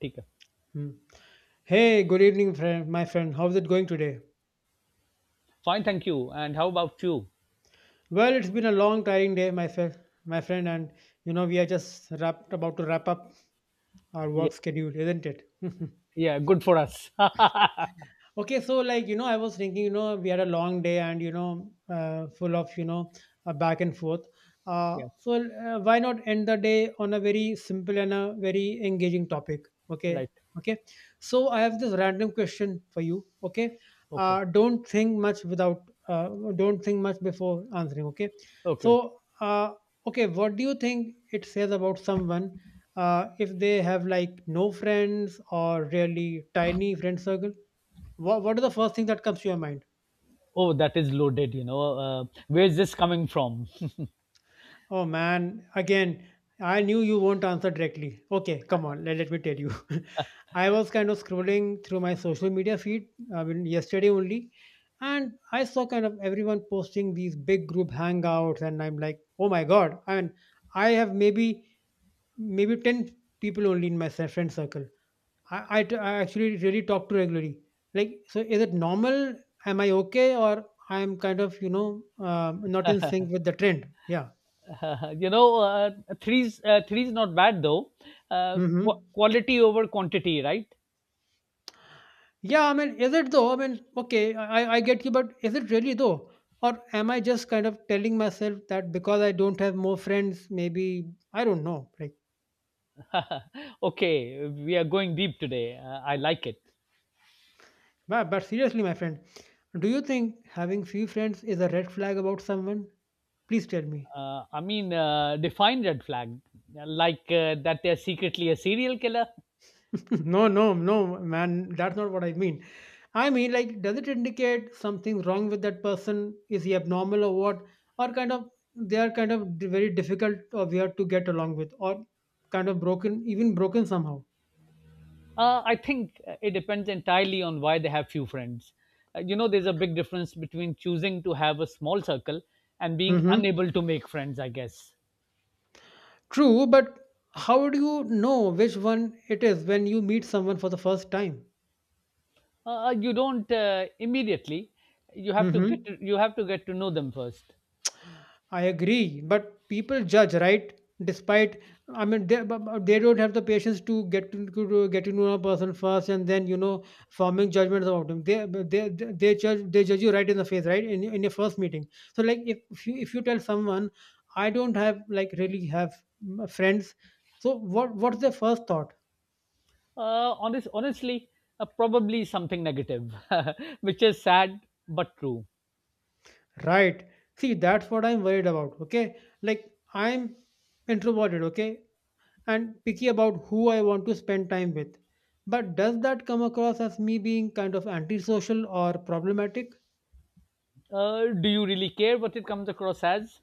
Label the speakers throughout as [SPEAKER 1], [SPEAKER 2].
[SPEAKER 1] ठीक है.
[SPEAKER 2] Hmm. Hey, good evening, friend. My friend, how's it going today?
[SPEAKER 1] Fine thank you and how about you.
[SPEAKER 2] Well, it's been a long, tiring day, my friend. My friend, and we are just wrapped about to wrap up our
[SPEAKER 1] Yeah,
[SPEAKER 2] work schedule, isn't it?
[SPEAKER 1] yeah, good for us.
[SPEAKER 2] Okay, so like, I was thinking, we had a long day and, full of, back and forth. Uh,
[SPEAKER 1] yeah.
[SPEAKER 2] so uh, why not end the day on a very simple and a very engaging topic? Okay.
[SPEAKER 1] Right.
[SPEAKER 2] Okay. So I have this random question for you. Okay.
[SPEAKER 1] Okay.
[SPEAKER 2] Uh, don't think much without, uh, don't think much before answering. Okay.
[SPEAKER 1] Okay. Okay.
[SPEAKER 2] So, okay, what do you think it says about someone if they have like no friends or really tiny friend circle? What is the first thing that comes to your mind?
[SPEAKER 1] Oh, that is loaded. uh, where is this coming from?
[SPEAKER 2] Oh man, again, I knew you won't answer directly. Okay, come on, let me tell you. I was kind of scrolling through my social media feed, I mean, yesterday only, and I saw kind of everyone posting these big group hangouts, and I'm like, oh my god, I mean, I have maybe 10 people only in my friend circle. I actually really talk to regularly. Like, so is it normal? Am I okay? Or I'm kind of, not in sync with the trend. Yeah.
[SPEAKER 1] you know three's not bad though. Uh,
[SPEAKER 2] Mm-hmm.
[SPEAKER 1] Quality over quantity, right?
[SPEAKER 2] Yeah. I mean, is it though? I mean, okay, I get you, but is it really though? Or am I just kind of telling myself that because I don't have more friends, maybe, I don't know. Like,
[SPEAKER 1] Okay, we are going deep today. I like it.
[SPEAKER 2] but seriously, my friend, do you think having few friends is a red flag about someone? Please tell me.
[SPEAKER 1] I mean, define red flag? Like, that they're secretly a serial killer?
[SPEAKER 2] No, no, no, man, that's not what I mean. I mean, like, does it indicate something wrong with that person? Is he abnormal or what? Or kind of, they are kind of very difficult or weird to get along with, or kind of broken, even broken somehow.
[SPEAKER 1] I think it depends entirely on why they have few friends. You know, there's a big difference between choosing to have a small circle and being
[SPEAKER 2] Hmm.
[SPEAKER 1] unable to make friends, I guess.
[SPEAKER 2] True, but how do you know which one it is when you meet someone for the first time?
[SPEAKER 1] You don't, immediately. You have to get
[SPEAKER 2] Hmm.
[SPEAKER 1] to, you have to get to know them first.
[SPEAKER 2] I agree, but people judge, right? Despite, I mean, but they don't have the patience to get to know a person first, and then forming judgments about them. They judge you right in the face, right? In your first meeting. So like if you tell someone, I don't have like really have friends. So what's their first thought?
[SPEAKER 1] Honestly, probably something negative, which is sad but true.
[SPEAKER 2] Right. See, that's what I'm worried about. Okay. Like, I'm introverted. Okay. And picky about who I want to spend time with. But does that come across as me being kind of antisocial or problematic?
[SPEAKER 1] Do you really care what it comes across as?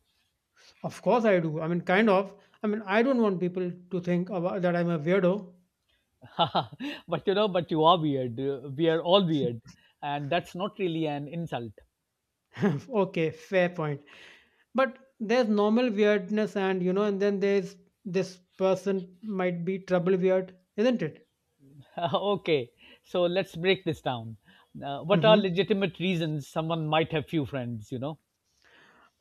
[SPEAKER 2] Of course I do. I mean, kind of. I mean, I don't want people to think about, that I'm a weirdo.
[SPEAKER 1] but you are weird. We are all weird, and that's not really an insult.
[SPEAKER 2] Okay. Fair point. But there's normal weirdness, and, and then there's this person might be trouble weird, isn't it?
[SPEAKER 1] okay, so let's break this down.
[SPEAKER 2] Mm
[SPEAKER 1] What are
[SPEAKER 2] hmm.
[SPEAKER 1] legitimate reasons someone might have few friends?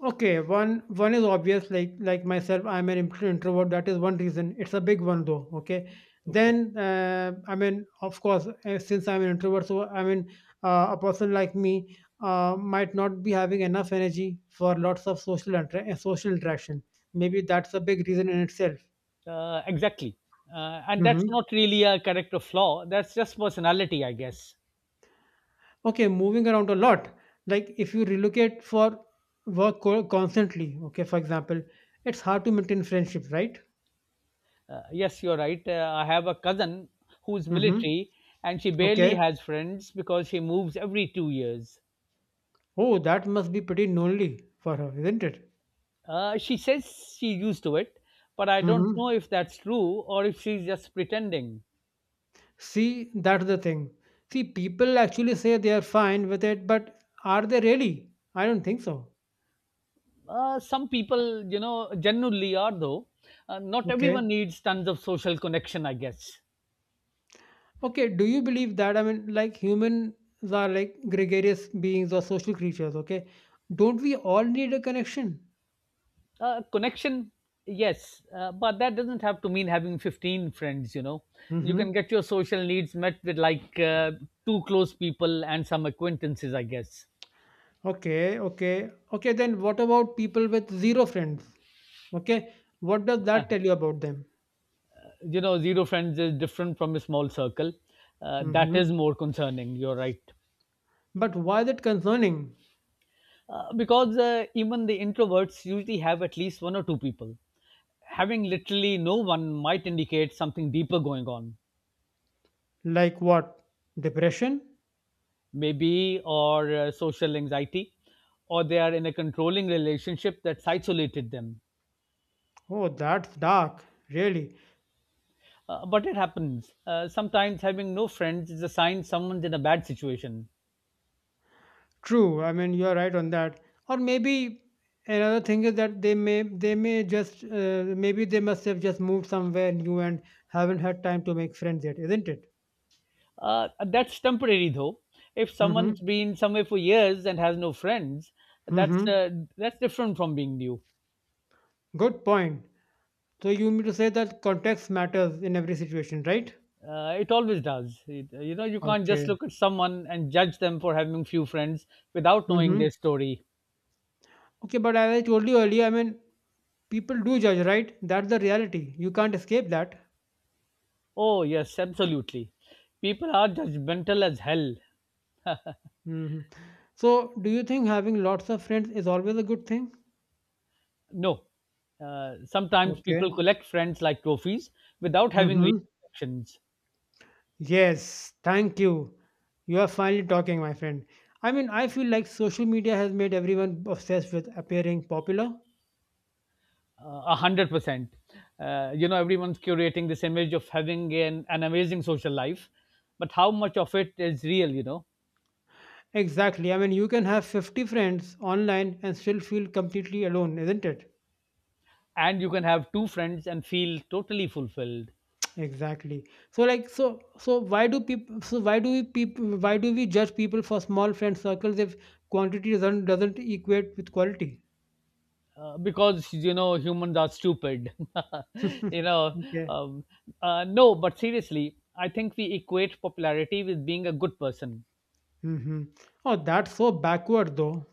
[SPEAKER 2] Okay, one is obvious, like myself, I'm an introvert. That is one reason. It's a big one though. Okay,
[SPEAKER 1] Okay.
[SPEAKER 2] then I mean, of course, since I'm an introvert, so I mean, a person like me might not be having enough energy for lots of social social interaction. Maybe that's a big reason in itself.
[SPEAKER 1] Exactly. And that's
[SPEAKER 2] Hmm.
[SPEAKER 1] not really a character flaw. That's just personality, I guess.
[SPEAKER 2] Okay, moving around a lot. Like if you relocate for work constantly, okay, for example, it's hard to maintain friendships, right?
[SPEAKER 1] Yes, you're right. I have a cousin who's
[SPEAKER 2] Mm-hmm.
[SPEAKER 1] military, and she barely
[SPEAKER 2] Okay.
[SPEAKER 1] has friends because she moves every 2 years.
[SPEAKER 2] Oh, that must be pretty lonely for her, isn't it?
[SPEAKER 1] She says she's used to it, but I don't
[SPEAKER 2] Hmm.
[SPEAKER 1] know if that's true or if she's just pretending.
[SPEAKER 2] See, that's the thing. See, people actually say they are fine with it, but are they really? I don't think so.
[SPEAKER 1] Some people genuinely are though. Not everyone
[SPEAKER 2] Okay.
[SPEAKER 1] needs tons of social connection, I guess.
[SPEAKER 2] Okay, do you believe that? I mean, like humans are like gregarious beings or social creatures, okay? Don't we all need a connection?
[SPEAKER 1] Connection, yes, but that doesn't have to mean having 15 friends, you know. You can
[SPEAKER 2] Mm-hmm.
[SPEAKER 1] get your social needs met with like two close people and some acquaintances, I guess.
[SPEAKER 2] Okay, okay. Okay, then what about people with zero friends? Okay, what does that tell you about them?
[SPEAKER 1] You know, zero friends is different from a small circle. That
[SPEAKER 2] Mm-hmm.
[SPEAKER 1] is more concerning, you're right.
[SPEAKER 2] But why is it concerning?
[SPEAKER 1] Because even the introverts usually have at least one or two people, having literally no one might indicate something deeper going on,
[SPEAKER 2] Like what? Depression?
[SPEAKER 1] maybe, or social anxiety, or they are in a controlling relationship that's isolated them.
[SPEAKER 2] Oh, that's dark. Really.
[SPEAKER 1] But it happens. Sometimes having no friends is a sign someone's in a bad situation.
[SPEAKER 2] True. I mean, you're right on that. Or maybe another thing is that they may just maybe they must have just moved somewhere new and haven't had time to make friends yet, isn't it?
[SPEAKER 1] That's temporary though. If
[SPEAKER 2] Mm-hmm.
[SPEAKER 1] someone's been somewhere for years and has no friends, that's
[SPEAKER 2] Mm-hmm.
[SPEAKER 1] uh, that's different from being new.
[SPEAKER 2] Good point. So you mean to say that context matters in every situation, right?
[SPEAKER 1] It always does. You can't
[SPEAKER 2] Okay.
[SPEAKER 1] just look at someone and judge them for having few friends without knowing
[SPEAKER 2] Mm-hmm.
[SPEAKER 1] their story.
[SPEAKER 2] Okay, but as I told you earlier, I mean, people do judge, right? That's the reality. You can't escape that.
[SPEAKER 1] Oh, yes, absolutely. People are judgmental as hell.
[SPEAKER 2] Mhm. So, do you think having lots of friends is always a good thing?
[SPEAKER 1] No. Sometimes
[SPEAKER 2] Okay.
[SPEAKER 1] people collect friends like trophies without having real
[SPEAKER 2] Mm-hmm.
[SPEAKER 1] connections.
[SPEAKER 2] Yes, thank you. You are finally talking, my friend. I mean, I feel like social media has made everyone obsessed with appearing popular.
[SPEAKER 1] 100%. You know, everyone's curating this image of having an amazing social life, but how much of it is real, you know?
[SPEAKER 2] Exactly. I mean, you can have 50 friends online and still feel completely alone, isn't it?
[SPEAKER 1] And you can have two friends and feel totally fulfilled.
[SPEAKER 2] Exactly. So like why do we judge people for small friend circles if quantity doesn't equate with quality?
[SPEAKER 1] Because humans are stupid you know
[SPEAKER 2] Okay.
[SPEAKER 1] um, no, but seriously, I think we equate popularity with being a good person.
[SPEAKER 2] Mhm. Oh, that's so backward though.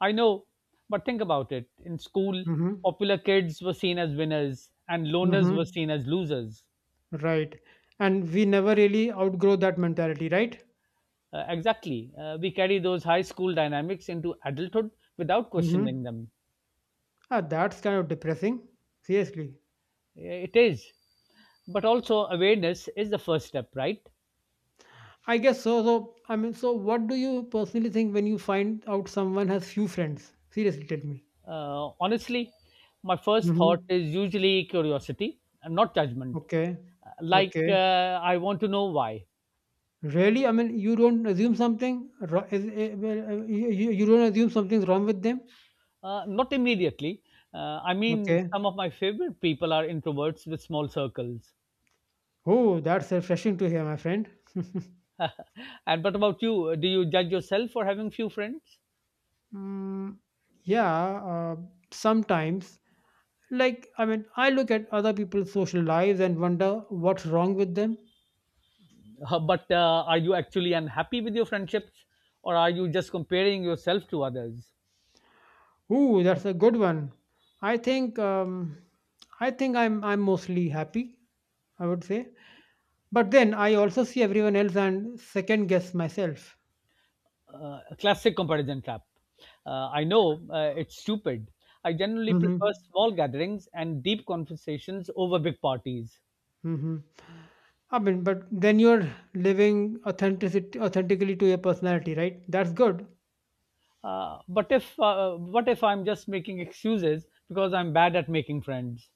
[SPEAKER 1] I know, but think about it. In school,
[SPEAKER 2] Mhm.
[SPEAKER 1] popular kids were seen as winners and loners were
[SPEAKER 2] Mhm.
[SPEAKER 1] seen as losers.
[SPEAKER 2] Right. And we never really outgrow that mentality, right?
[SPEAKER 1] Exactly. We carry those high school dynamics into adulthood without questioning
[SPEAKER 2] Mhm.
[SPEAKER 1] them.
[SPEAKER 2] Ah, that's kind of depressing. Seriously.
[SPEAKER 1] It is, but also awareness is the first step, right?
[SPEAKER 2] I guess so. So, I mean, so what do you personally think when you find out someone has few friends? Seriously, tell me.
[SPEAKER 1] Honestly, my first thought
[SPEAKER 2] Mhm.
[SPEAKER 1] is usually curiosity and not judgment.
[SPEAKER 2] Okay.
[SPEAKER 1] Like,
[SPEAKER 2] Okay.
[SPEAKER 1] I want to know why.
[SPEAKER 2] Really? I mean, you don't assume something is, well, you don't assume something's wrong with them?
[SPEAKER 1] Not immediately. I mean,
[SPEAKER 2] Okay.
[SPEAKER 1] some of my favorite people are introverts with small circles.
[SPEAKER 2] Oh, that's refreshing to hear, my friend.
[SPEAKER 1] And what about you? Do you judge yourself for having few friends?
[SPEAKER 2] Mm, yeah, sometimes. Like, I mean, I look at other people's social lives and wonder what's wrong with them.
[SPEAKER 1] But are you actually unhappy with your friendships? Or are you just comparing yourself to others?
[SPEAKER 2] Ooh, that's a good one. I think um, I think I'm mostly happy. I would say, but then I also see everyone else and second guess myself.
[SPEAKER 1] A classic comparison trap. I know, it's stupid. I generally
[SPEAKER 2] Mm-hmm.
[SPEAKER 1] prefer small gatherings and deep conversations over big parties.
[SPEAKER 2] Mm-hmm. I mean, but then you're living authenticity authentically to your personality, right? That's good.
[SPEAKER 1] But if what if I'm just making excuses because I'm bad at making friends?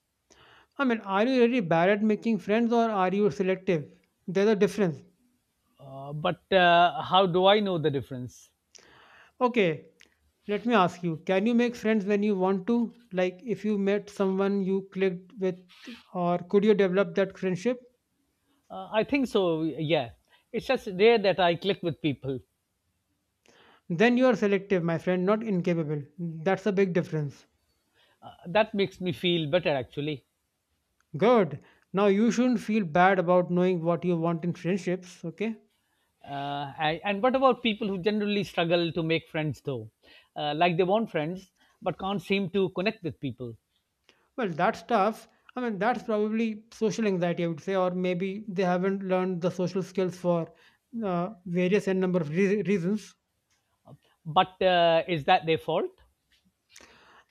[SPEAKER 2] I mean, are you really bad at making friends or are you selective? There's a difference.
[SPEAKER 1] But how do I know the difference?
[SPEAKER 2] Okay, let me ask you, can you make friends when you want to? Like if you met someone you clicked with, or could you develop that friendship?
[SPEAKER 1] I think so. Yeah, it's just rare that I click with people.
[SPEAKER 2] Then you are selective, my friend, not incapable. That's a big difference.
[SPEAKER 1] That makes me feel better actually.
[SPEAKER 2] Good. Now you shouldn't feel bad about knowing what you want in friendships, okay?
[SPEAKER 1] And what about people who generally struggle to make friends, though? Like, they want friends, but can't seem to connect with people.
[SPEAKER 2] Well, that's tough. I mean, that's probably social anxiety, I would say, or maybe they haven't learned the social skills for various n number of reasons.
[SPEAKER 1] But is that their fault?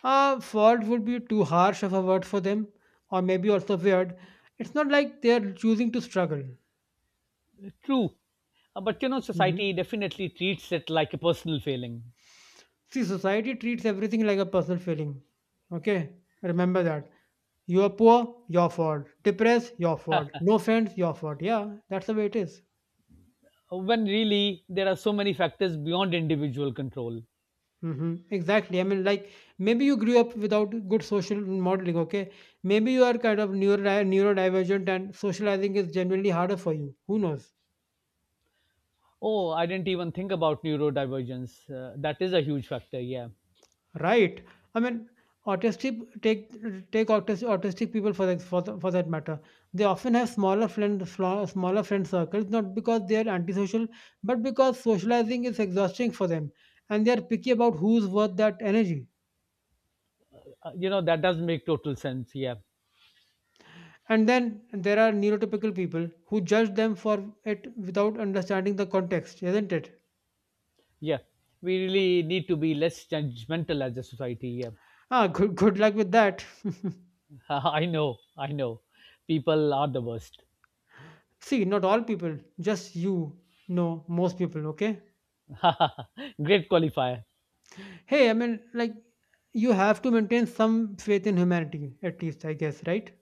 [SPEAKER 2] Fault would be too harsh of a word for them, or maybe also weird. It's not like they're choosing to struggle.
[SPEAKER 1] True. But
[SPEAKER 2] Hmm.
[SPEAKER 1] society definitely treats it like a personal failing,
[SPEAKER 2] See, society treats everything like a personal feeling. Okay, remember that. You are poor, your fault. Depressed, your fault. No friends, your fault. Yeah, that's the way it is.
[SPEAKER 1] when really there are so many factors beyond individual control.
[SPEAKER 2] Mm-hmm. Exactly. I mean, like maybe you grew up without good social modeling. Okay, maybe you are kind of neurodivergent, and socializing is generally harder for you. Who knows?
[SPEAKER 1] Oh, I didn't even think about neurodivergence. That is a huge factor, yeah.
[SPEAKER 2] Right. I mean, autistic take take autistic people for that matter. They often have smaller friend circles, not because they are antisocial, but because socializing is exhausting for them, and they are picky about who's worth that energy.
[SPEAKER 1] That does make total sense, yeah.
[SPEAKER 2] And then there are neurotypical people who judge them for it without understanding the context, isn't it?
[SPEAKER 1] Yeah. We really need to be less judgmental as a society, yeah.
[SPEAKER 2] Ah, good luck with that.
[SPEAKER 1] I know, I know. People are the worst.
[SPEAKER 2] See, not all people, just most people. Okay.
[SPEAKER 1] Great qualifier.
[SPEAKER 2] Hey, I mean, like, you have to maintain some faith in humanity, at least, I guess, right?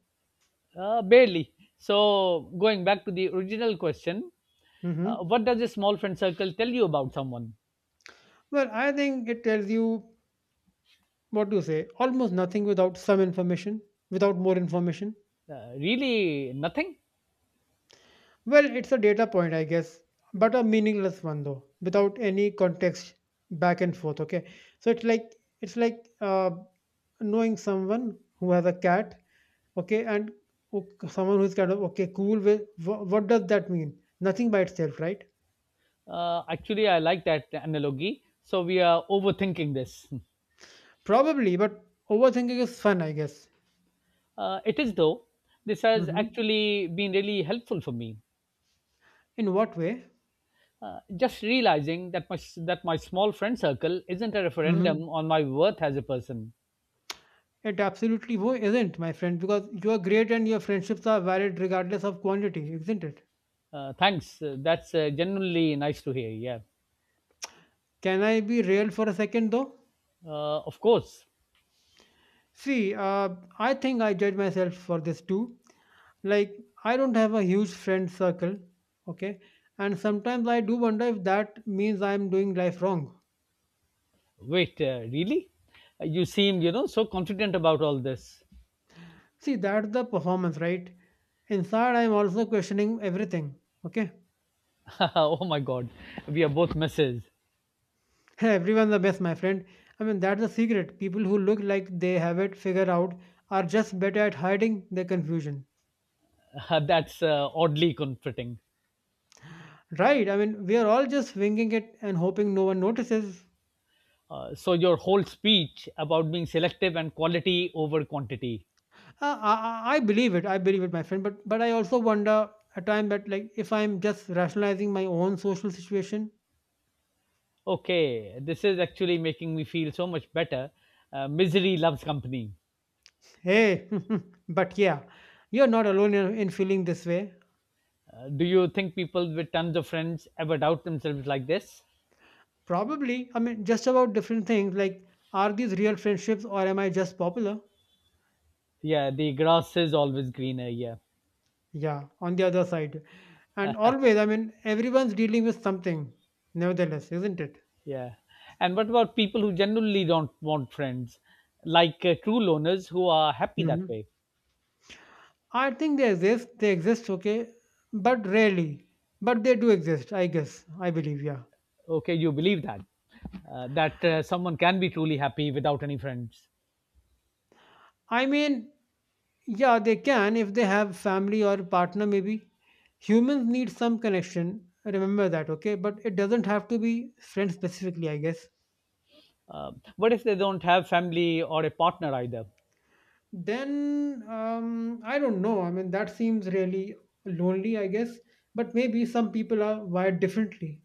[SPEAKER 1] Barely. So, going back to the original question,
[SPEAKER 2] Hmm.
[SPEAKER 1] what does a small friend circle tell you about someone?
[SPEAKER 2] Well, I think it tells you, what do you say, almost nothing without some information, without more information.
[SPEAKER 1] Really, nothing.
[SPEAKER 2] Well, it's a data point, I guess, but a meaningless one, though, without any context back and forth, okay? So it's like knowing someone who has a cat, okay, and who someone who's kind of, okay, cool, with, what does that mean? Nothing by itself, right?
[SPEAKER 1] Actually, I like that analogy. So, we are overthinking this.
[SPEAKER 2] Probably, but overthinking is fun, I guess.
[SPEAKER 1] It is, though. This has
[SPEAKER 2] Mhm.
[SPEAKER 1] actually been really helpful for me.
[SPEAKER 2] In what way?
[SPEAKER 1] Just realizing that my small friend circle isn't a
[SPEAKER 2] Mhm.
[SPEAKER 1] referendum on my worth as a person.
[SPEAKER 2] It absolutely isn't, my friend, because you are great and your friendships are valid regardless of quantity, isn't it?
[SPEAKER 1] Thanks. That's genuinely nice to hear. Yeah.
[SPEAKER 2] Can I be real for a second though?
[SPEAKER 1] Of course.
[SPEAKER 2] See, I think I judge myself for this too. Like, I don't have a huge friend circle, okay? And sometimes I do wonder if that means I'm doing life wrong.
[SPEAKER 1] Wait, really? You seem, so confident about all this.
[SPEAKER 2] See, that's the performance, right? Inside, I'm also questioning everything, okay?
[SPEAKER 1] oh my God. We are both misses.
[SPEAKER 2] Everyone's the best, my friend. I mean, that's the secret. People who look like they have it figured out are just better at hiding their confusion.
[SPEAKER 1] That's oddly comforting.
[SPEAKER 2] Right? I mean, we are all just winging it and hoping no one notices.
[SPEAKER 1] So, your whole speech about being selective and quality over quantity.
[SPEAKER 2] I believe it. I believe it, my friend. But I also wonder at time that like if I'm just rationalizing my own social situation.
[SPEAKER 1] Okay, this is actually making me feel so much better. Misery loves company.
[SPEAKER 2] Hey, but yeah, you're not alone in feeling this way.
[SPEAKER 1] Do you think people with tons of friends ever doubt themselves like this?
[SPEAKER 2] Probably. I mean, just about different things like are these real friendships or am I just popular?
[SPEAKER 1] Yeah, the grass is always greener. Yeah,
[SPEAKER 2] Yeah, on the other side. And always, I mean, everyone's dealing with something, nevertheless, isn't it?
[SPEAKER 1] yeah. And what about people who generally don't want friends, like true loners who are happy
[SPEAKER 2] Hmm.
[SPEAKER 1] that way?
[SPEAKER 2] I think they exist, okay, but rarely. But they do exist, I guess, I believe, yeah.
[SPEAKER 1] Okay, you believe that someone can be truly happy without any friends.
[SPEAKER 2] I mean, yeah, they can if they have family or partner, maybe. Humans need some connection, remember that, okay? But it doesn't have to be friends specifically, I guess.
[SPEAKER 1] What if they don't have family or a partner either?
[SPEAKER 2] Then I don't know. I mean, that seems really lonely, I guess. But maybe some people are wired differently.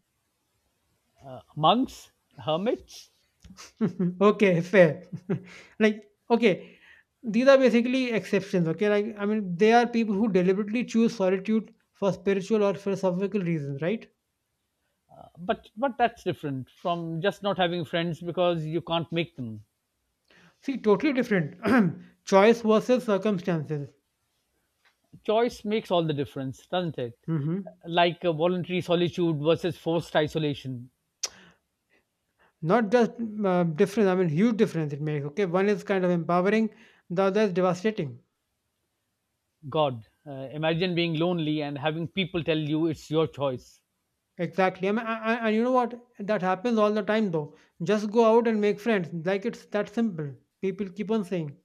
[SPEAKER 1] Monks, hermits,
[SPEAKER 2] Okay, fair. Like, okay, these are basically exceptions. Okay, like, I mean, they are people who deliberately choose solitude for spiritual or philosophical reasons, right?
[SPEAKER 1] but that's different from just not having friends because you can't make them.
[SPEAKER 2] See, totally different. Choice versus circumstances.
[SPEAKER 1] Choice makes all the difference, doesn't it?
[SPEAKER 2] Hmm.
[SPEAKER 1] Like, voluntary solitude versus forced isolation.
[SPEAKER 2] Not just difference, I mean, huge difference it makes. Okay, one is kind of empowering, the other is devastating.
[SPEAKER 1] God, imagine being lonely and having people tell you it's your choice,
[SPEAKER 2] Exactly. I mean, and you know what? That happens all the time though. Just go out and make friends. Like it's that simple. People keep on saying.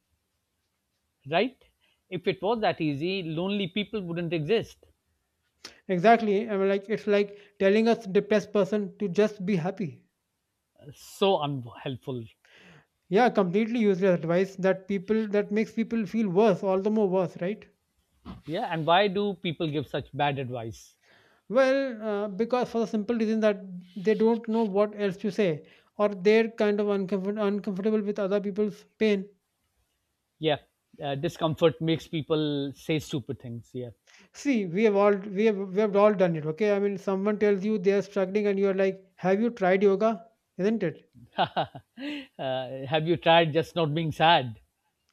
[SPEAKER 1] right? If it was that easy, lonely people wouldn't exist.
[SPEAKER 2] Exactly. I mean, like it's like telling a depressed person to just be happy.
[SPEAKER 1] So unhelpful.
[SPEAKER 2] Yeah, completely useless advice that people that makes people feel worse, all the more worse, right?
[SPEAKER 1] Yeah, and why do people give such bad advice?
[SPEAKER 2] Well, because for the simple reason that they don't know what else to say, or they're kind of uncomfortable with other people's pain.
[SPEAKER 1] Yeah, discomfort makes people say stupid things. Yeah.
[SPEAKER 2] See, we have all done it. Okay, I mean, someone tells you they are struggling, and you are like, "Have you tried yoga? Isn't it?"
[SPEAKER 1] uh, have you tried just not being sad?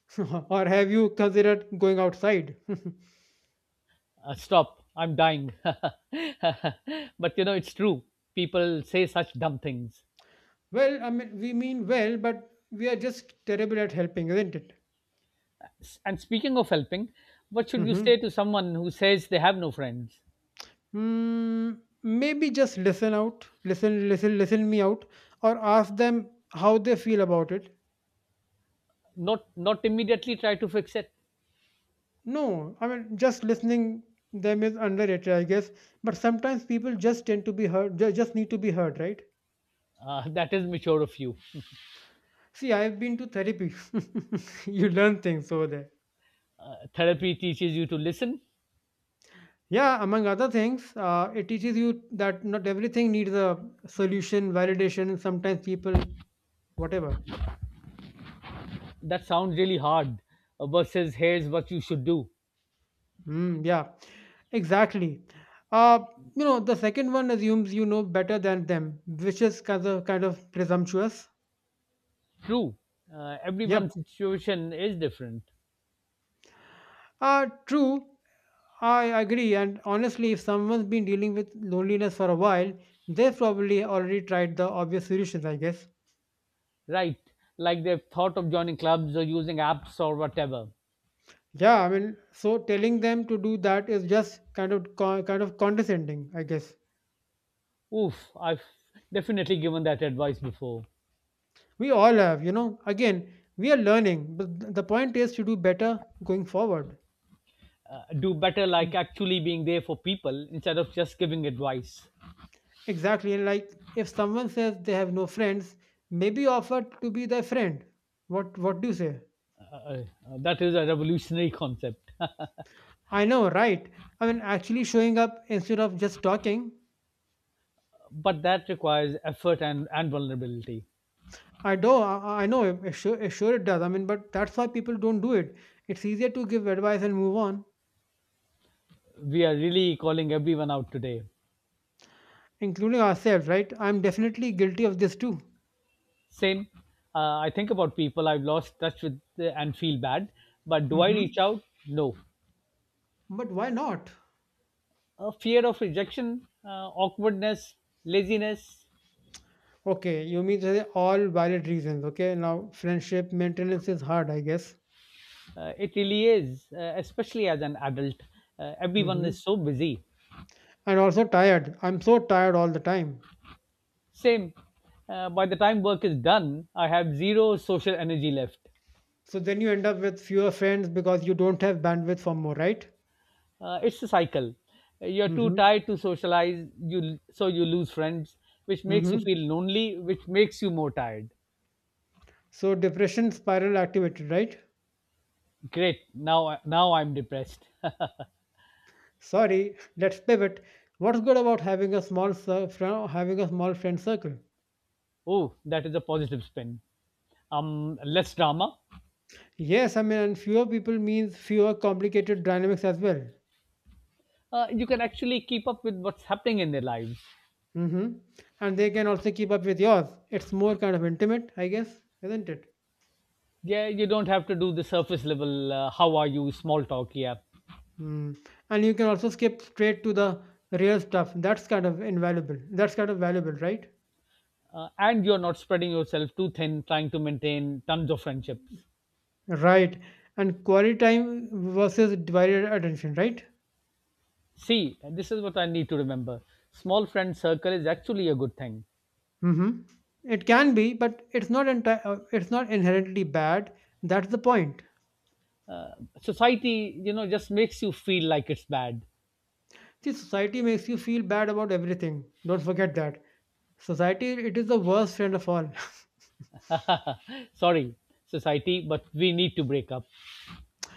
[SPEAKER 2] "Or have you considered going outside?"
[SPEAKER 1] Stop, I'm dying. but it's true. People say such dumb things.
[SPEAKER 2] Well, I mean, we mean well, but we are just terrible at helping, isn't it?
[SPEAKER 1] And speaking of helping, what should you
[SPEAKER 2] Mm-hmm.
[SPEAKER 1] say to someone who says they have no friends?
[SPEAKER 2] Hmm. Mm, maybe just listen me out, or ask them how they feel about it.
[SPEAKER 1] Not immediately try to fix it.
[SPEAKER 2] No, I mean, just listening them is underrated, I guess. But sometimes people just need to be heard, right?
[SPEAKER 1] That is mature of you.
[SPEAKER 2] See, I've been to therapy. You learn things over there.
[SPEAKER 1] Therapy teaches you to listen.
[SPEAKER 2] Yeah, among other things, it teaches you that not everything needs a solution, validation. And sometimes people, whatever.
[SPEAKER 1] That sounds really hard. Versus here's what you should do.
[SPEAKER 2] Mm, yeah, exactly. Uh, you know, the second one assumes you know better than them, which is kind of presumptuous.
[SPEAKER 1] True, everyone's
[SPEAKER 2] Yep.
[SPEAKER 1] situation is different,
[SPEAKER 2] True. I agree. And honestly, if someone's been dealing with loneliness for a while, they've probably already tried the obvious solutions, I guess.
[SPEAKER 1] right? Like they've thought of joining clubs or using apps or whatever.
[SPEAKER 2] Yeah, I mean, so telling them to do that is just kind of condescending, I guess.
[SPEAKER 1] Oof, I've definitely given that advice before.
[SPEAKER 2] We all have, you know. Again, we are learning, but the point is to do better going forward.
[SPEAKER 1] Do better, like
[SPEAKER 2] Mm.
[SPEAKER 1] actually being there for people instead of just giving advice.
[SPEAKER 2] Exactly, and like if someone says they have no friends, maybe offer to be their friend. What do you say?
[SPEAKER 1] uh, uh, that is a revolutionary concept.
[SPEAKER 2] I know, right? I mean, actually showing up instead of just talking.
[SPEAKER 1] but that requires effort and vulnerability.
[SPEAKER 2] I do. I know. It Sure, it Sure, it does. I mean, but that's why people don't do it. It's easier to give advice and move on.
[SPEAKER 1] We are really calling everyone out today.
[SPEAKER 2] Including ourselves, right? I'm definitely guilty of this too.
[SPEAKER 1] Same. I think about people I've lost touch with and feel bad, but do I
[SPEAKER 2] Hmm.
[SPEAKER 1] reach out? No.
[SPEAKER 2] But why not?
[SPEAKER 1] A fear of rejection, awkwardness, laziness.
[SPEAKER 2] Okay, you mean to say all valid reasons. Okay, now friendship maintenance is hard, I guess.
[SPEAKER 1] It really is, especially as an adult. Everyone
[SPEAKER 2] Hmm.
[SPEAKER 1] is so busy.
[SPEAKER 2] And also tired. I'm so tired all the time.
[SPEAKER 1] Same. By the time work is done, I have zero social energy left.
[SPEAKER 2] So then you end up with fewer friends because you don't have bandwidth for more, right?
[SPEAKER 1] It's a cycle. You're too
[SPEAKER 2] Hmm.
[SPEAKER 1] tired to socialize, you so you lose friends, which makes you
[SPEAKER 2] Hmm.
[SPEAKER 1] feel lonely, which makes you more tired.
[SPEAKER 2] So depression spiral activated, right?
[SPEAKER 1] Great, now I'm depressed.
[SPEAKER 2] Sorry, let's pivot. What's good about having a small friend circle?
[SPEAKER 1] oh, that is a positive spin. Less drama.
[SPEAKER 2] Yes, I mean, and fewer people means fewer complicated dynamics as well.
[SPEAKER 1] You can actually keep up with what's happening in their lives.
[SPEAKER 2] Hmm. And they can also keep up with yours. It's more kind of intimate, I guess, isn't it?
[SPEAKER 1] Yeah, you don't have to do the surface level "how are you" small talk, yeah.
[SPEAKER 2] Mm. And you can also skip straight to the real stuff. That's kind of invaluable. That's kind of valuable, right?
[SPEAKER 1] And you're not spreading yourself too thin trying to maintain tons of friendships.
[SPEAKER 2] Right. And quality time versus divided attention, right?
[SPEAKER 1] See, this is what I need to remember. Small friend circle is actually a good thing.
[SPEAKER 2] Hmm. It can be, but it's not inherently bad. That's the point.
[SPEAKER 1] Uh, Society, just makes you feel like it's bad.
[SPEAKER 2] See, society makes you feel bad about everything. Don't forget that. Society, it is the worst friend of all.
[SPEAKER 1] Sorry, society, but we need to break up.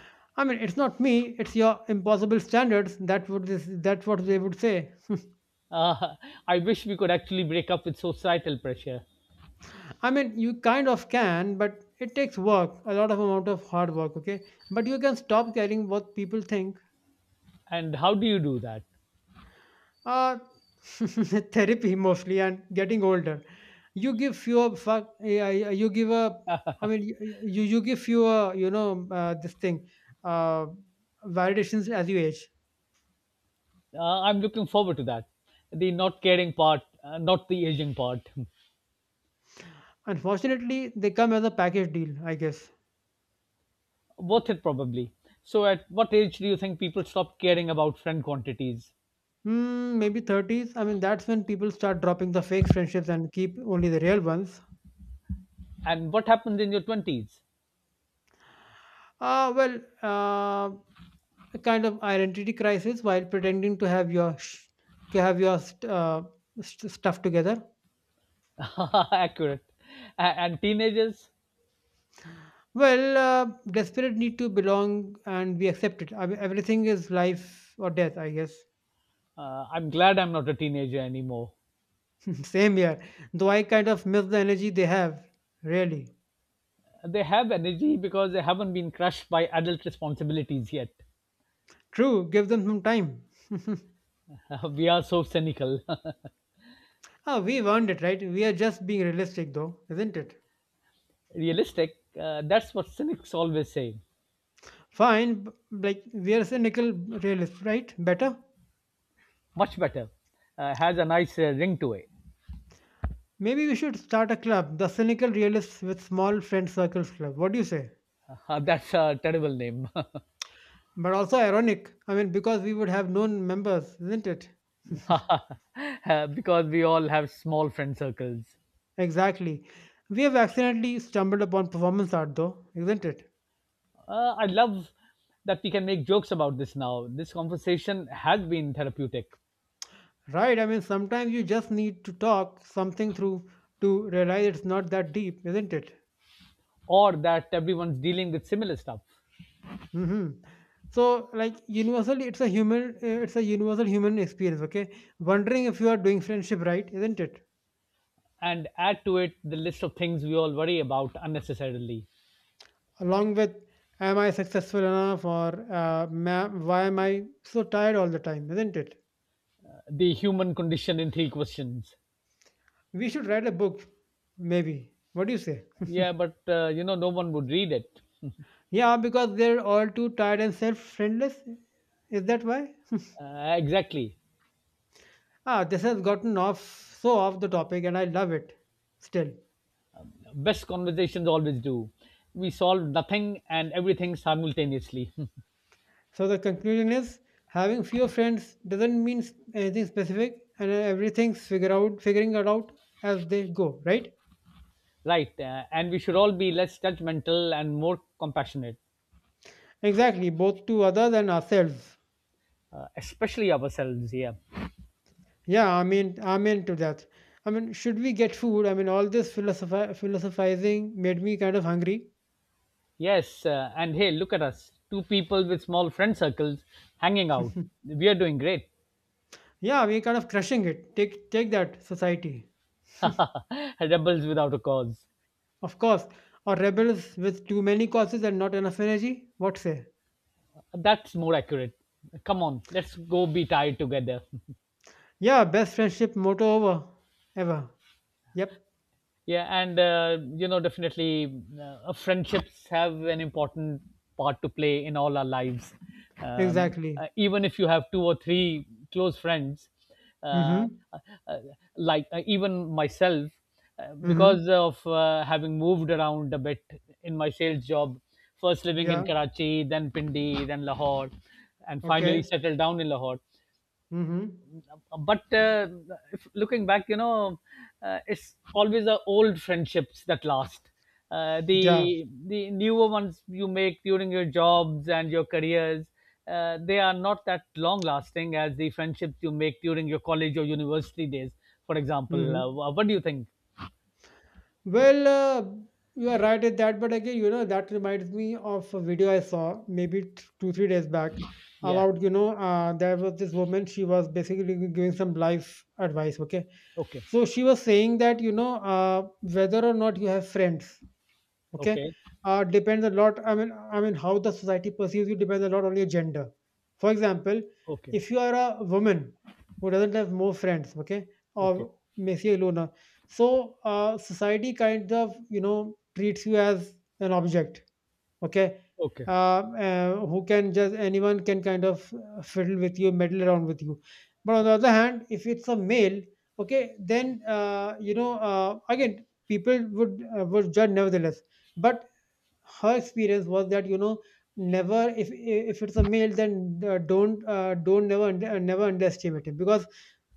[SPEAKER 2] I mean, it's not me, it's your impossible standards. That's what they would say.
[SPEAKER 1] Uh, I wish we could actually break up with societal pressure.
[SPEAKER 2] I mean, you kind of can, but it takes work, a lot of amount of hard work, okay? But you can stop caring what people think.
[SPEAKER 1] And how do you do that?
[SPEAKER 2] uh, Therapy mostly, and getting older you give fewer fuck, yeah, yeah, you give a, I mean you you give fewer, you know, this thing, uh, validations as you age.
[SPEAKER 1] I'm looking forward to that. The not caring part, not the aging part.
[SPEAKER 2] Unfortunately they come as a package deal, I guess.
[SPEAKER 1] Worth it, probably. So, at what age do you think people stop caring about friend quantities?
[SPEAKER 2] Hmm, maybe 30s. I mean that's when people start dropping the fake friendships and keep only the real ones.
[SPEAKER 1] And what happens in your 20s?
[SPEAKER 2] Well, a kind of identity crisis while pretending to have your stuff together.
[SPEAKER 1] accurate. And teenagers?
[SPEAKER 2] Well, desperate need to belong and we accept it. I mean, everything is life or death, I guess.
[SPEAKER 1] I'm glad I'm not a teenager anymore.
[SPEAKER 2] Same here. Though I kind of miss the energy they have, really.
[SPEAKER 1] They have energy because they haven't been crushed by adult responsibilities yet.
[SPEAKER 2] True, give them some time.
[SPEAKER 1] we are so cynical.
[SPEAKER 2] Ah, we've earned it, right? We are just being realistic, though, isn't it?
[SPEAKER 1] realistic. That's what cynics always say.
[SPEAKER 2] Fine, like, we are cynical realists, right? Better?
[SPEAKER 1] Much better. Has a nice ring to it.
[SPEAKER 2] Maybe we should start a club, the Cynical Realists with Small Friend Circles Club. What do you say?
[SPEAKER 1] That's a terrible name.
[SPEAKER 2] But also ironic, I mean, because we would have known members, isn't it?
[SPEAKER 1] Because we all have small friend circles.
[SPEAKER 2] Exactly. We have accidentally stumbled upon performance art, though, isn't it?
[SPEAKER 1] I love that we can make jokes about this now. This conversation has been therapeutic.
[SPEAKER 2] Right? I mean, sometimes you just need to talk something through to realize it's not that deep, isn't it?
[SPEAKER 1] Or that everyone's dealing with similar stuff.
[SPEAKER 2] Hmm. So, like, universally, it's a human, it's a universal human experience. Okay, wondering if you are doing friendship right, isn't it?
[SPEAKER 1] And add to it the list of things we all worry about unnecessarily.
[SPEAKER 2] Along with, am I successful enough, or why am I so tired all the time, isn't it?
[SPEAKER 1] The human condition in three questions.
[SPEAKER 2] We should write a book, maybe. What do you say?
[SPEAKER 1] Yeah, but no one would read it.
[SPEAKER 2] Yeah, because they're all too tired and self-friendless. Is that why?
[SPEAKER 1] Exactly.
[SPEAKER 2] Ah, this has gotten off so off the topic and I love it still.
[SPEAKER 1] Best conversations always do. We solve nothing and everything simultaneously.
[SPEAKER 2] So the conclusion is having fewer friends doesn't anything specific, and everything's figure out figuring it out as they go, right?
[SPEAKER 1] right. And we should all be less judgmental and more compassionate.
[SPEAKER 2] Exactly, both to others and ourselves.
[SPEAKER 1] Especially ourselves, yeah.
[SPEAKER 2] Yeah, I mean I'm into that. I mean, should we get food? I mean all this philosophizing made me kind of hungry.
[SPEAKER 1] Yes. And hey, look at us, two people with small friend circles, hanging out. We are doing great.
[SPEAKER 2] Yeah, we're kind of crushing it. Take that, society.
[SPEAKER 1] Rebels without a cause.
[SPEAKER 2] Of course, or rebels with too many causes and not enough energy? What say?
[SPEAKER 1] That's more accurate. Come on, let's go be tied together.
[SPEAKER 2] Yeah, best friendship motto over ever. Yep,
[SPEAKER 1] Yeah. And definitely, friendships have an important part to play in all our lives,
[SPEAKER 2] exactly.
[SPEAKER 1] even if you have two or three close friends. uh,
[SPEAKER 2] Mm-hmm.
[SPEAKER 1] uh, uh, like, even myself,
[SPEAKER 2] Mm-hmm.
[SPEAKER 1] because of having moved around a bit in my sales job, first living in
[SPEAKER 2] Yeah.
[SPEAKER 1] Karachi, then Pindi, then Lahore, and finally
[SPEAKER 2] Okay.
[SPEAKER 1] settled down in Lahore.
[SPEAKER 2] Mm-hmm.
[SPEAKER 1] But, if looking back, it's always the old friendships that last. uh,
[SPEAKER 2] Yeah.
[SPEAKER 1] the the newer ones you make during your jobs and your careers, they are not that long lasting as the friendships you make during your college or university days, for example. uh,
[SPEAKER 2] Mm-hmm.
[SPEAKER 1] wha- what do you think?
[SPEAKER 2] Well, you are right at that, but again, you know, that reminds me of a video I saw maybe two, 3 days back
[SPEAKER 1] Yeah.
[SPEAKER 2] about, you know, there was this woman, she was basically giving some life advice, okay?
[SPEAKER 1] Okay.
[SPEAKER 2] So she was saying that, you know, whether or not you have friends, okay?
[SPEAKER 1] Okay.
[SPEAKER 2] Depends a lot. I mean, how the society perceives you depends a lot on your gender. For example,
[SPEAKER 1] Okay.
[SPEAKER 2] if you are a woman who doesn't have more friends, okay,
[SPEAKER 1] Okay.
[SPEAKER 2] or Messi Luna, so society kind of, you know, treats you as an object. Okay,
[SPEAKER 1] Okay.
[SPEAKER 2] who can just, anyone can kind of fiddle with you, meddle around with you. But on the other hand, if it's a male, okay, then you know, again people would judge nevertheless. But her experience was that, you know, never, if if it's a male, then don't never never underestimate him, because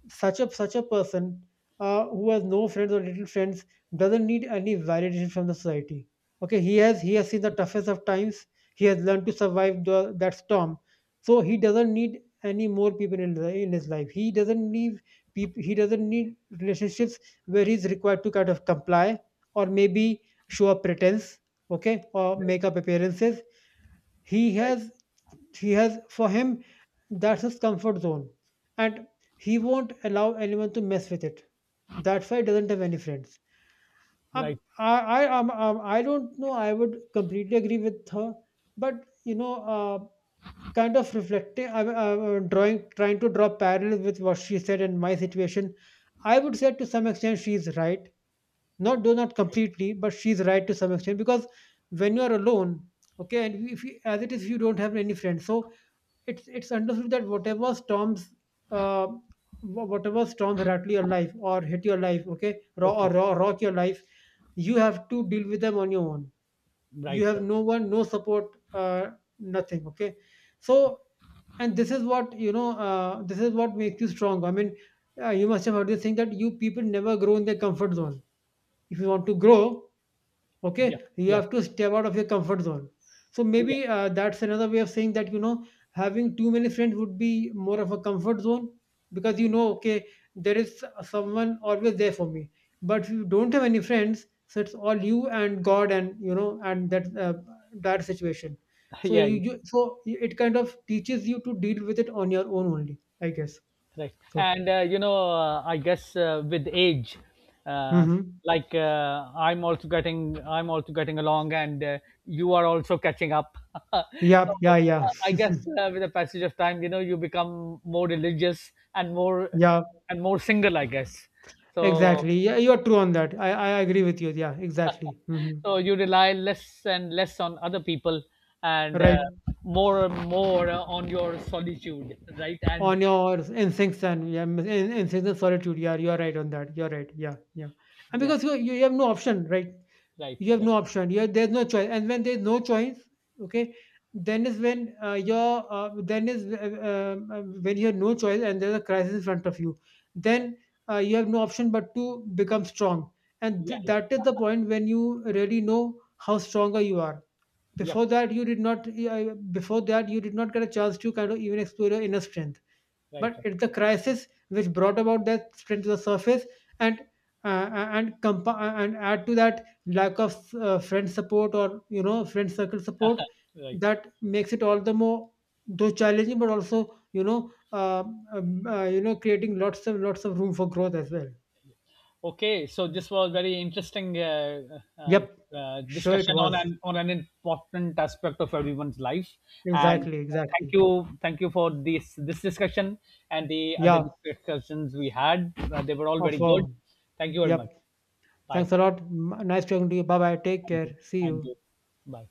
[SPEAKER 2] such a person, who has no friends or little friends, doesn't need any validation from the society. Okay, he has seen the toughest of times, he has learned to survive that storm. So he doesn't need any more people in his life, he doesn't need people, he doesn't need relationships where he's required to kind of comply, or maybe show a pretense, okay, or make
[SPEAKER 1] Right.
[SPEAKER 2] up appearances. he
[SPEAKER 1] Right.
[SPEAKER 2] has he has, for him, that's his comfort zone. And he won't allow anyone to mess with it. That's why he doesn't have any friends. Um,
[SPEAKER 1] Right.
[SPEAKER 2] I, I don't know, I would completely agree with her, but you know, kind of reflecting, I'm trying to draw parallels with what she said and my situation. I would say to some extent she's right. Not
[SPEAKER 1] Okay.
[SPEAKER 2] completely, but she's right to some extent, because when you are alone, okay, and if you, as it is, you don't have any friends. So it's understood that whatever storms, uh, whatever storms rattle your life or hit your life, okay,
[SPEAKER 1] Okay.
[SPEAKER 2] rock your life, you have to deal with them on your own, you
[SPEAKER 1] Right.
[SPEAKER 2] have
[SPEAKER 1] Right.
[SPEAKER 2] no one, no support, nothing, okay. So, and this is what, you know, this is what makes you strong. I mean, you must have heard this thing that you, people never grow in their comfort zone. If you want to grow,
[SPEAKER 1] Yeah.
[SPEAKER 2] okay, you
[SPEAKER 1] Yeah.
[SPEAKER 2] have to step out of your comfort zone. So
[SPEAKER 1] Yeah.
[SPEAKER 2] maybe that's another way of saying that, you know, having too many friends would be more of a comfort zone, because, you know, okay, there is someone always there for me. But if you don't have any friends, so it's all you and God, and you know, and that that situation. So
[SPEAKER 1] yeah.
[SPEAKER 2] you,
[SPEAKER 1] Yeah.
[SPEAKER 2] you so it kind of teaches you to deal with it on your own only, I guess.
[SPEAKER 1] Right.
[SPEAKER 2] So
[SPEAKER 1] And, I guess with age, uh,
[SPEAKER 2] mm-hmm.
[SPEAKER 1] like, I'm also getting along, and you are also catching up. so,
[SPEAKER 2] Yeah, yeah, yeah.
[SPEAKER 1] I guess, with the passage of time, you become more religious
[SPEAKER 2] Yeah.
[SPEAKER 1] and more single, I guess. So,
[SPEAKER 2] Exactly. Yeah, you're true on that. I agree with you. Yeah, exactly. Mhm.
[SPEAKER 1] so you rely less and less on other people, and
[SPEAKER 2] Right.
[SPEAKER 1] more and more on your solitude, right? And
[SPEAKER 2] On your instincts, and yeah, instincts and solitude. Yeah, you're right on that. You're right. Yeah, yeah. And
[SPEAKER 1] yeah,
[SPEAKER 2] because you have no option, right?
[SPEAKER 1] right,
[SPEAKER 2] You have
[SPEAKER 1] right,
[SPEAKER 2] no option. You have, there's no choice. And when there's no choice, okay, then is when your then is when you have no choice and there's a crisis in front of you.
[SPEAKER 1] right.
[SPEAKER 2] Then you have no option but to become strong. And
[SPEAKER 1] Yeah, yeah,
[SPEAKER 2] that is the point when you really know how stronger you are.
[SPEAKER 1] yep,
[SPEAKER 2] Before that you did not before that you did not get a chance to kind of even explore your inner strength,
[SPEAKER 1] right.
[SPEAKER 2] but it's the crisis which brought about that strength to the surface. And and add to that lack of friend support, or you know, friend circle support,
[SPEAKER 1] Right.
[SPEAKER 2] that makes it all the more though challenging, but also, you know, you know, creating lots of room for growth as well.
[SPEAKER 1] Okay. So this was very interesting,
[SPEAKER 2] Yep. Sure it
[SPEAKER 1] discussion on
[SPEAKER 2] was.
[SPEAKER 1] an on an important aspect of everyone's life. And
[SPEAKER 2] Exactly, exactly.
[SPEAKER 1] thank you for this discussion, and the other
[SPEAKER 2] Yeah.
[SPEAKER 1] discussions we had. They were all
[SPEAKER 2] Of
[SPEAKER 1] very good. Thank you very much.
[SPEAKER 2] yep.
[SPEAKER 1] Bye.
[SPEAKER 2] Thanks a lot. Nice talking to you. Bye bye. Take
[SPEAKER 1] Thank you.
[SPEAKER 2] care. See
[SPEAKER 1] Thank
[SPEAKER 2] you.
[SPEAKER 1] you. Bye.